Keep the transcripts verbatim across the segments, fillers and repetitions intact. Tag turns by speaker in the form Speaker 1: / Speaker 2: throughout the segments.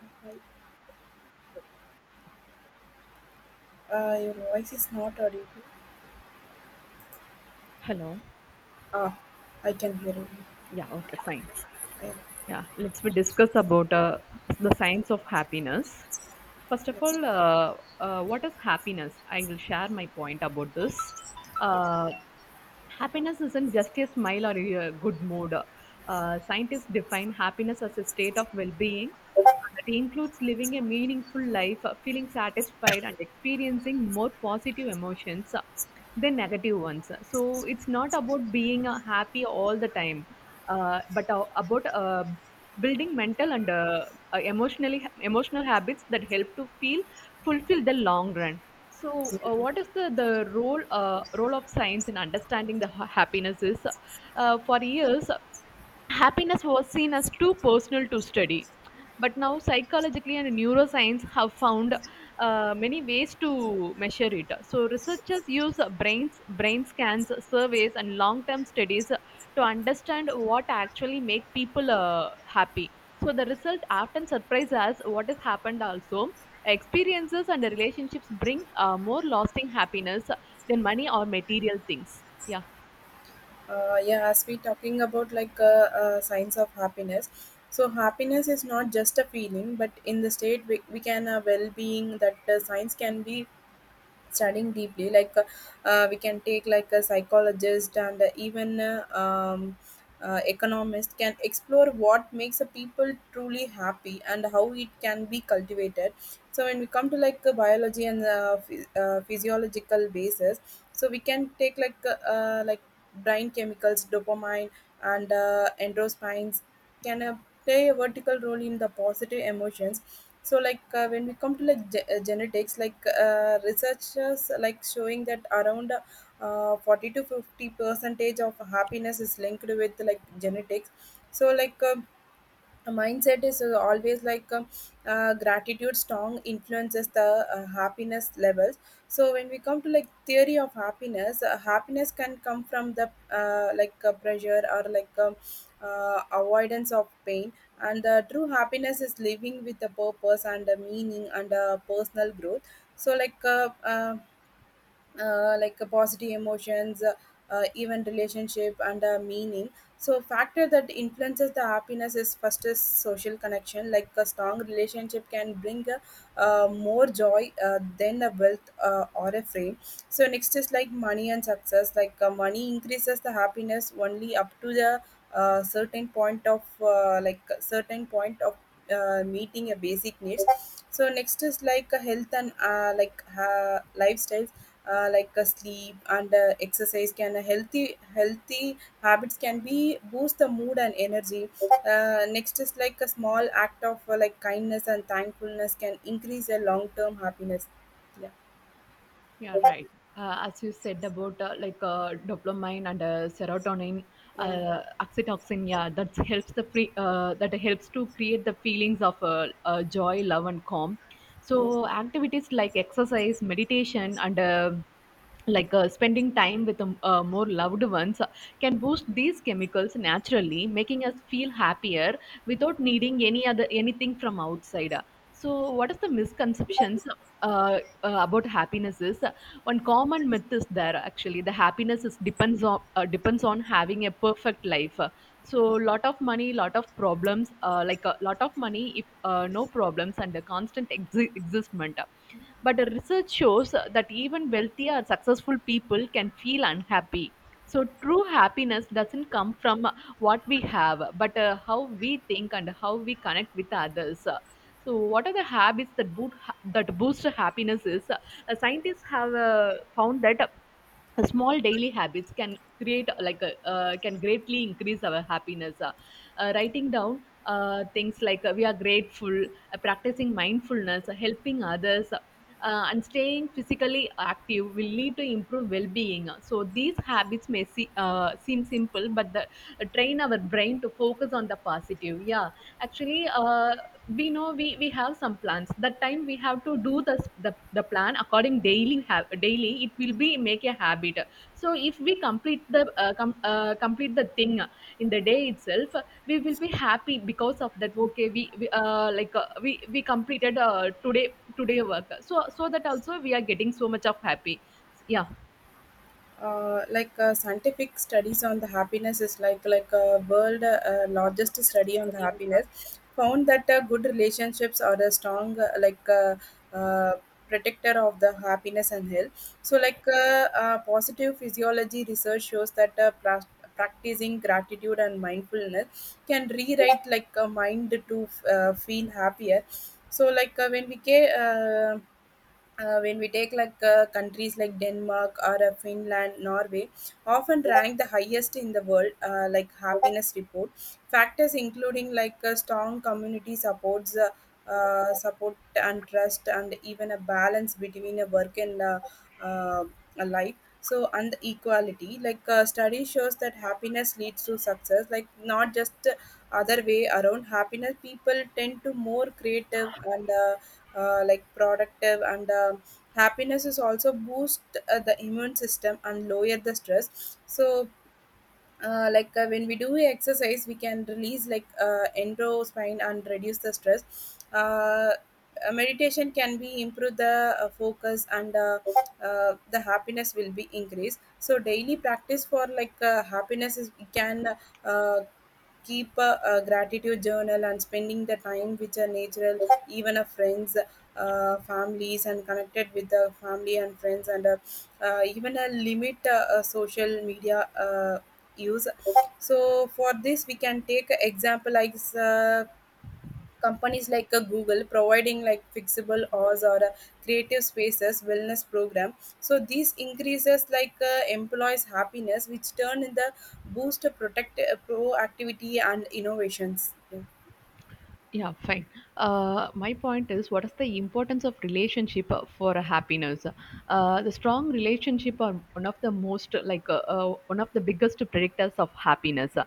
Speaker 1: Hi, uh, your voice is not audible.
Speaker 2: Hello.
Speaker 1: Ah, I can hear you.
Speaker 2: Yeah, okay, fine.
Speaker 1: I-
Speaker 2: Yeah, let's we discuss about uh, the science of happiness. First of
Speaker 1: Yes.
Speaker 2: all, uh, uh, what is happiness? I will share my point about this. Uh, Happiness isn't just a smile or a good mood. Uh, scientists define happiness as a state of well being that includes living a meaningful life, uh, feeling satisfied, and experiencing more positive emotions the negative ones. So it's not about being uh, happy all the time, uh, but uh, about uh, building mental and uh, uh, emotionally emotional habits that help to feel fulfill the long run. So uh, what is the the role uh, role of science in understanding the ha- happiness is? Uh, for years, happiness was seen as too personal to study, but now psychologically and neuroscience have found uh, many ways to measure it. So researchers use brains brain scans, surveys, and long term studies to understand what actually make people uh, happy. So the result often surprises us. What has happened also, experiences and relationships bring uh, more lasting happiness than money or material things, yeah.
Speaker 1: Uh, yeah, as we talking about like uh, uh, signs of happiness. So happiness is not just a feeling, but in the state we, we can a well-being that uh, science can be studying deeply like uh, uh, we can take like a psychologist and uh, even uh, um, uh, economist can explore what makes a people truly happy and how it can be cultivated. So when we come to like uh, biology and uh, phy- uh, physiological basis, so we can take like uh, uh, like brain chemicals dopamine and uh, endorphins can uh, play a vertical role in the positive emotions. So like uh, when we come to like ge- uh, genetics, like uh, researchers like showing that around uh, forty to fifty percentage of happiness is linked with like genetics. So like uh, the mindset is uh, always like um, uh, gratitude strong influences the uh, happiness levels. So when we come to like theory of happiness, uh, happiness can come from the uh, like uh, pressure or like um, uh, avoidance of pain, and the true happiness is living with a purpose and a meaning and a personal growth. So like uh, uh, uh, like uh, positive emotions, uh, uh, even relationship and uh, meaning. So factor that influences the happiness is, first is social connection. Like a strong relationship can bring uh, uh, more joy uh, than a wealth uh, or a fame. So next is like money and success. Like uh, money increases the happiness only up to the uh, certain point of uh, like certain point of uh, meeting a basic needs. So next is like a health and uh, like uh, lifestyles. Uh, like uh, sleep and uh, exercise can a healthy healthy habits can be boost the mood and energy. Uh, next is like a small act of uh, like kindness and thankfulness can increase a long term happiness. Yeah,
Speaker 2: Yeah, right. Uh, as you said about uh, like uh, dopamine and uh, serotonin,
Speaker 1: yeah,
Speaker 2: uh, oxytocin, yeah, that helps the free, uh, that helps to create the feelings of uh, uh, joy, love, and calm.
Speaker 1: yes.
Speaker 2: So activities like exercise, meditation, and uh, like uh, spending time with um, uh, more loved ones uh, can boost these chemicals, naturally making us feel happier without needing any other anything from outside. So what is the misconceptions uh, uh, about happiness is, uh, one common myth is there actually the happiness is depends on uh, depends on having a perfect life. Uh, so lot of money, lot of problems, uh, like a lot of money if uh, no problems and a constant exi- existment. But the research shows that even wealthy or successful people can feel unhappy. So true happiness doesn't come from what we have, but uh, how we think and how we connect with others. So, what are the habits that, boot, that boost happiness? Is uh, scientists have uh, found that small daily habits can create uh, like a uh, can greatly increase our happiness. Uh, Uh, writing down uh, things like uh, we are grateful, uh, practicing mindfulness, uh, helping others, uh, uh, and staying physically active will lead to improved well-being. Uh, so these habits may see, uh, seem simple but the, uh, train our brain to focus on the positive, yeah. Actually, uh, we know we, we have some plans. That time we have to do the, the, the plan according daily ha- daily it will be make a habit. So if we complete the uh, com- uh, complete the thing in the day itself, we will be happy because of that. Okay, we, we uh, like uh, we we completed uh, today today work, so so that also we are getting so much of happy, yeah.
Speaker 1: Uh, like uh, scientific studies on the happiness is like like a world uh, largest study on the happiness found that uh, good relationships are a strong uh, like uh, uh, protector of the happiness and health. So like uh, uh, positive physiology research shows that uh, pra- practicing gratitude and mindfulness can rewrite like a mind to uh, feel happier. So like uh, when we ca- uh, uh, when we take like uh, countries like denmark or uh, finland norway often rank the highest in the world uh, like happiness report. Factors including like uh, strong community supports, uh, uh, support and trust, and even a balance between a work and uh, uh, a life. So and equality, like uh, study shows that happiness leads to success, like not just uh, other way around, happiness people tend to more creative and uh, uh, like productive, and uh, happiness is also boost uh, the immune system and lower the stress. So uh, like uh, when we do exercise we can release like uh, endospine and reduce the stress. uh, uh, Meditation can be improve the uh, focus and uh, uh, the happiness will be increased. So daily practice for like uh, happiness is we can uh, keep a, a gratitude journal and spending the time with a natural, even a friends, uh, families, and connected with the family and friends, and uh, uh, even a limit uh, uh, social media uh, use. So for this we can take a example like uh, companies like uh, google providing like fixable hours or uh, creative spaces wellness program. So these increases like uh, employees happiness which turn in the boost of protect uh, proactivity and innovations. Yeah.
Speaker 2: Yeah, fine. Uh, my point is, what is the importance of relationship uh, for uh, happiness? Uh, the strong relationship are one of the most, like uh, uh, one of the biggest predictors of happiness. Uh,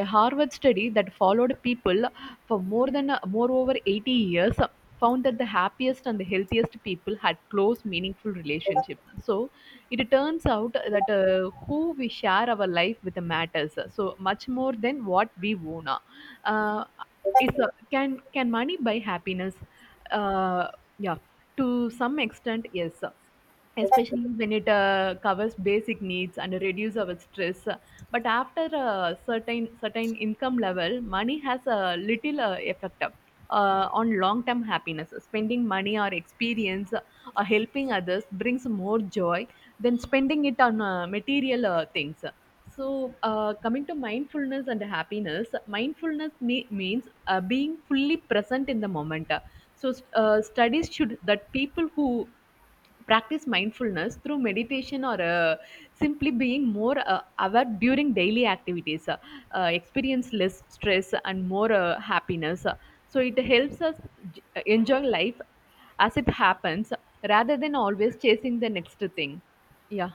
Speaker 2: A Harvard study that followed people for more than uh, more over eighty years uh, found that the happiest and the healthiest people had close, meaningful relationships. So it turns out that uh, who we share our life with matters uh, so much more than what we own. Uh, it's a, can can money buy happiness? uh yeah, to some extent yes, especially when it uh, covers basic needs and reduce our stress. But after a certain certain income level, money has a little uh, effect uh, on long term happiness. Spending money or experience or helping others brings more joy than spending it on uh, material uh, things. So uh, coming to mindfulness and happiness, mindfulness me- means uh, being fully present in the moment. So uh, studies should that people who practice mindfulness through meditation or uh, simply being more uh, aware during daily activities uh, uh, experience less stress and more uh, happiness. So it helps us j- uh, enjoy life as it happens rather than always chasing the next thing, yeah.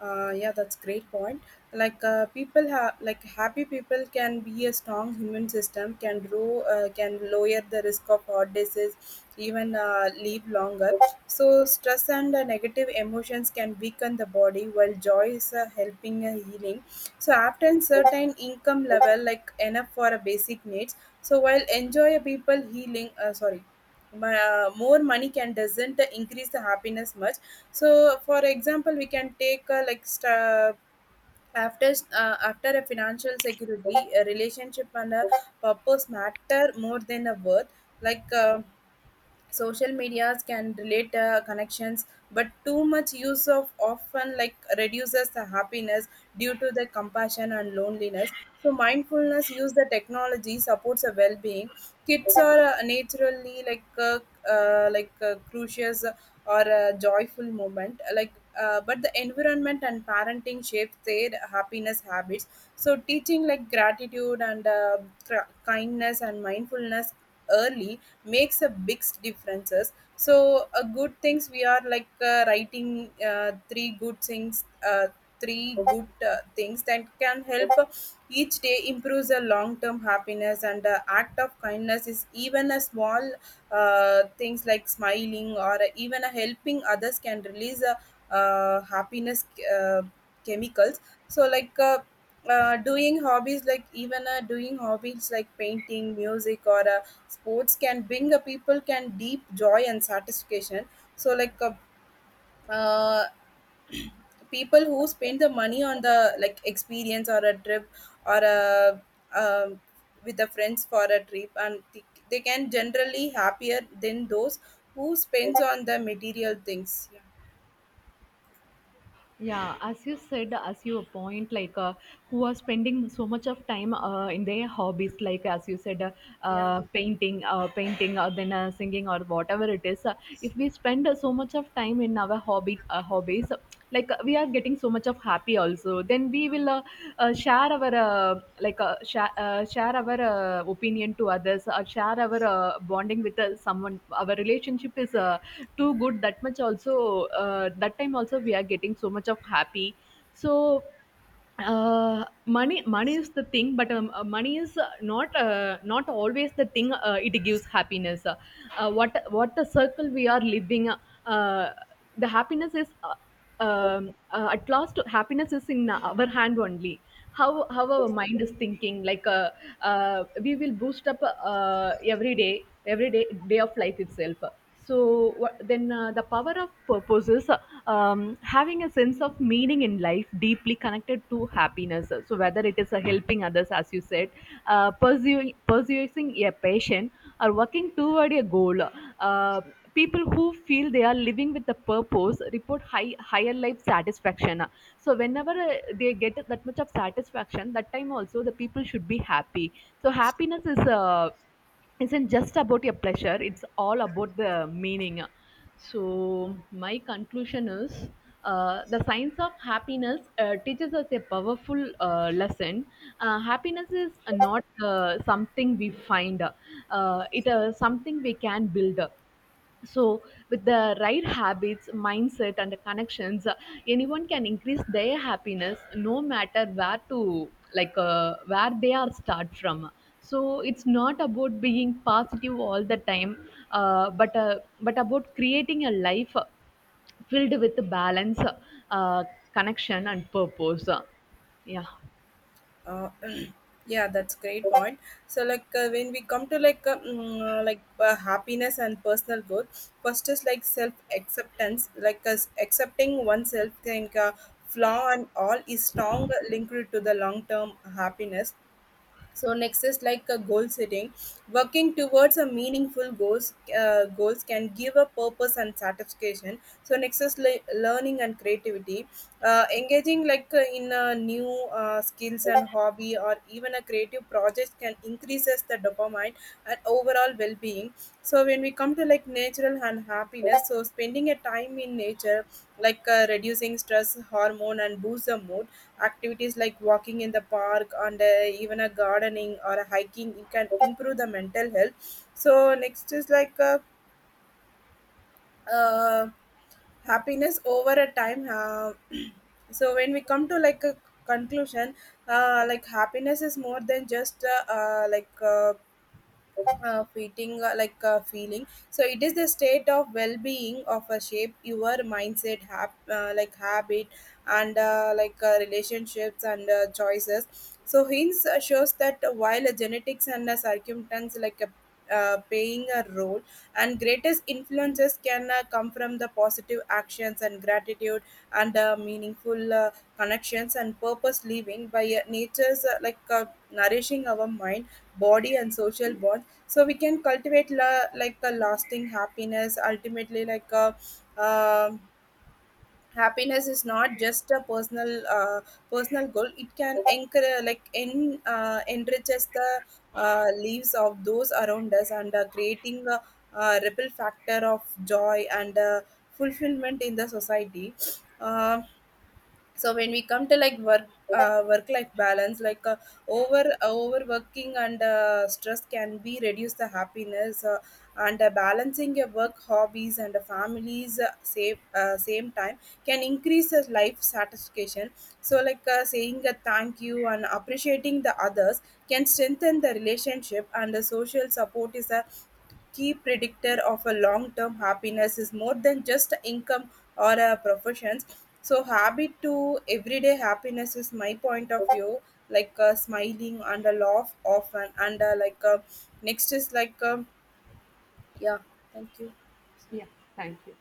Speaker 1: Uh, yeah, that's great point. Like uh, people have, like happy people can be a strong immune system, can grow, uh, can lower the risk of heart disease, even uh, live longer. So stress and uh, negative emotions can weaken the body, while joy is uh, helping uh, healing. So after certain income level, like enough for a basic needs. So while enjoy people healing, uh, sorry, ma- more money can doesn't increase the happiness much. So for example we can take uh, like st- after uh, after a financial security, a relationship and a purpose matter more than a worth. Like uh, social medias can relate uh, connections, but too much use of often like reduces the happiness due to the compassion and loneliness. So mindfulness use the technology supports a well-being. Kids are uh, naturally like uh, uh, like uh, crucious or a joyful moment, like uh, but the environment and parenting shapes their happiness habits. So teaching like gratitude and uh, cra- kindness and mindfulness early makes a big differences. So a good things we are like uh, writing uh, three good things, uh, three good uh, things, that can help each day improves a long term happiness. And the act of kindness is even a small uh, things like smiling or even a helping others can release a, uh, happiness uh, chemicals. So like uh, uh, doing hobbies, like even uh, doing hobbies like painting music or uh, sports can bring a people can deep joy and satisfaction. So like uh, uh, people who spend the money on the like experience or a trip or a um, with the friends for a trip and th- they can generally happier than those who spends on the material things. Yeah,
Speaker 2: Yeah, as you said, as you point, like uh, who are spending so much of time uh, in their hobbies, like as you said, uh,
Speaker 1: yeah.
Speaker 2: uh, painting uh, painting or then uh, singing or whatever it is. Uh, if we spend uh, so much of time in our hobby uh, hobbies, like uh, we are getting so much of happy also. Then we will uh, uh, share our uh, like uh, share, uh, share our uh, opinion to others, or share our uh, bonding with uh, someone. Our relationship is uh, too good, that much also uh, that time also we are getting so much of happy. So uh, money money is the thing, but um, uh, money is uh, not uh, not always the thing uh, it gives happiness. uh, what what the circle we are living, uh, the happiness is, uh, um, uh, at last happiness is in our hand only. How how our mind is thinking, like uh, uh, we will boost up uh, every day, every day day of life itself. So what- then uh, the power of purpose is, um, having a sense of meaning in life deeply connected to happiness. So whether it is uh, helping others, as you said, uh, pursuing pursuing a passion or working toward a goal, uh, people who feel they are living with a purpose report high higher life satisfaction. So whenever uh, they get that much of satisfaction, that time also the people should be happy. So happiness is uh, isn't just about your pleasure, it's all about the meaning. So my conclusion is, uh, the science of happiness uh, teaches us a powerful uh, lesson. Uh, happiness is not uh, something we find; uh, it is something we can build. So with the right habits, mindset, and connections, uh, anyone can increase their happiness, no matter where to like uh, where they are start from. So it's not about being positive all the time, uh, but uh, but about creating a life uh, filled with balance, uh, connection, and purpose. Uh, yeah.
Speaker 1: Uh, yeah, that's great point. So like uh, when we come to like uh, mm, uh, like uh, happiness and personal growth, first is like self acceptance, like us accepting oneself think, uh, flaw and all is strong linked to the long term happiness. So next is like a goal setting, working towards a meaningful goals. Uh, goals can give a purpose and satisfaction. So next is le- learning and creativity. Uh, engaging like uh, in a new uh, skills and hobby or even a creative project can increases the dopamine and overall well-being. So when we come to like natural and happiness, so spending a time in nature, like uh, reducing stress hormone and boost the mood. Activities like walking in the park and uh, even a gardening or a hiking it can improve the mental health. So next is like uh, uh, happiness over a time. Uh, so when we come to like a conclusion, uh, like happiness is more than just uh, uh, like uh, uh, feeling, uh, like a feeling. So it is the state of well-being of a shape your mindset hab- uh, like habit and uh, like uh, relationships and uh, choices. So hints uh, shows that while uh, genetics and uh, circumstance like a uh, playing a role, and greatest influences can uh, come from the positive actions and gratitude and uh, meaningful uh, connections and purpose, living by uh, nature's uh, like uh, nourishing our mind, body and social bonds. So we can cultivate la- like a lasting happiness. Ultimately, like a um happiness is not just a personal uh, personal goal, it can encourage like en- uh, enriches the uh, lives of those around us and uh, creating a, a ripple factor of joy and uh, fulfillment in the society. Um, so when we come to like work, uh, work life balance, like uh, over uh, overworking and uh, stress can be reduce the happiness, uh, and uh, balancing your work hobbies and uh, families uh, same uh, same time can increase your life satisfaction. So like uh, saying a thank you and appreciating the others can strengthen the relationship, and the social support is a key predictor of a long-term happiness, is more than just income or a professions. So habit to everyday happiness is my point of view, like uh, smiling and a laugh often and uh, like uh, next is like um yeah.
Speaker 2: Yeah, thank you.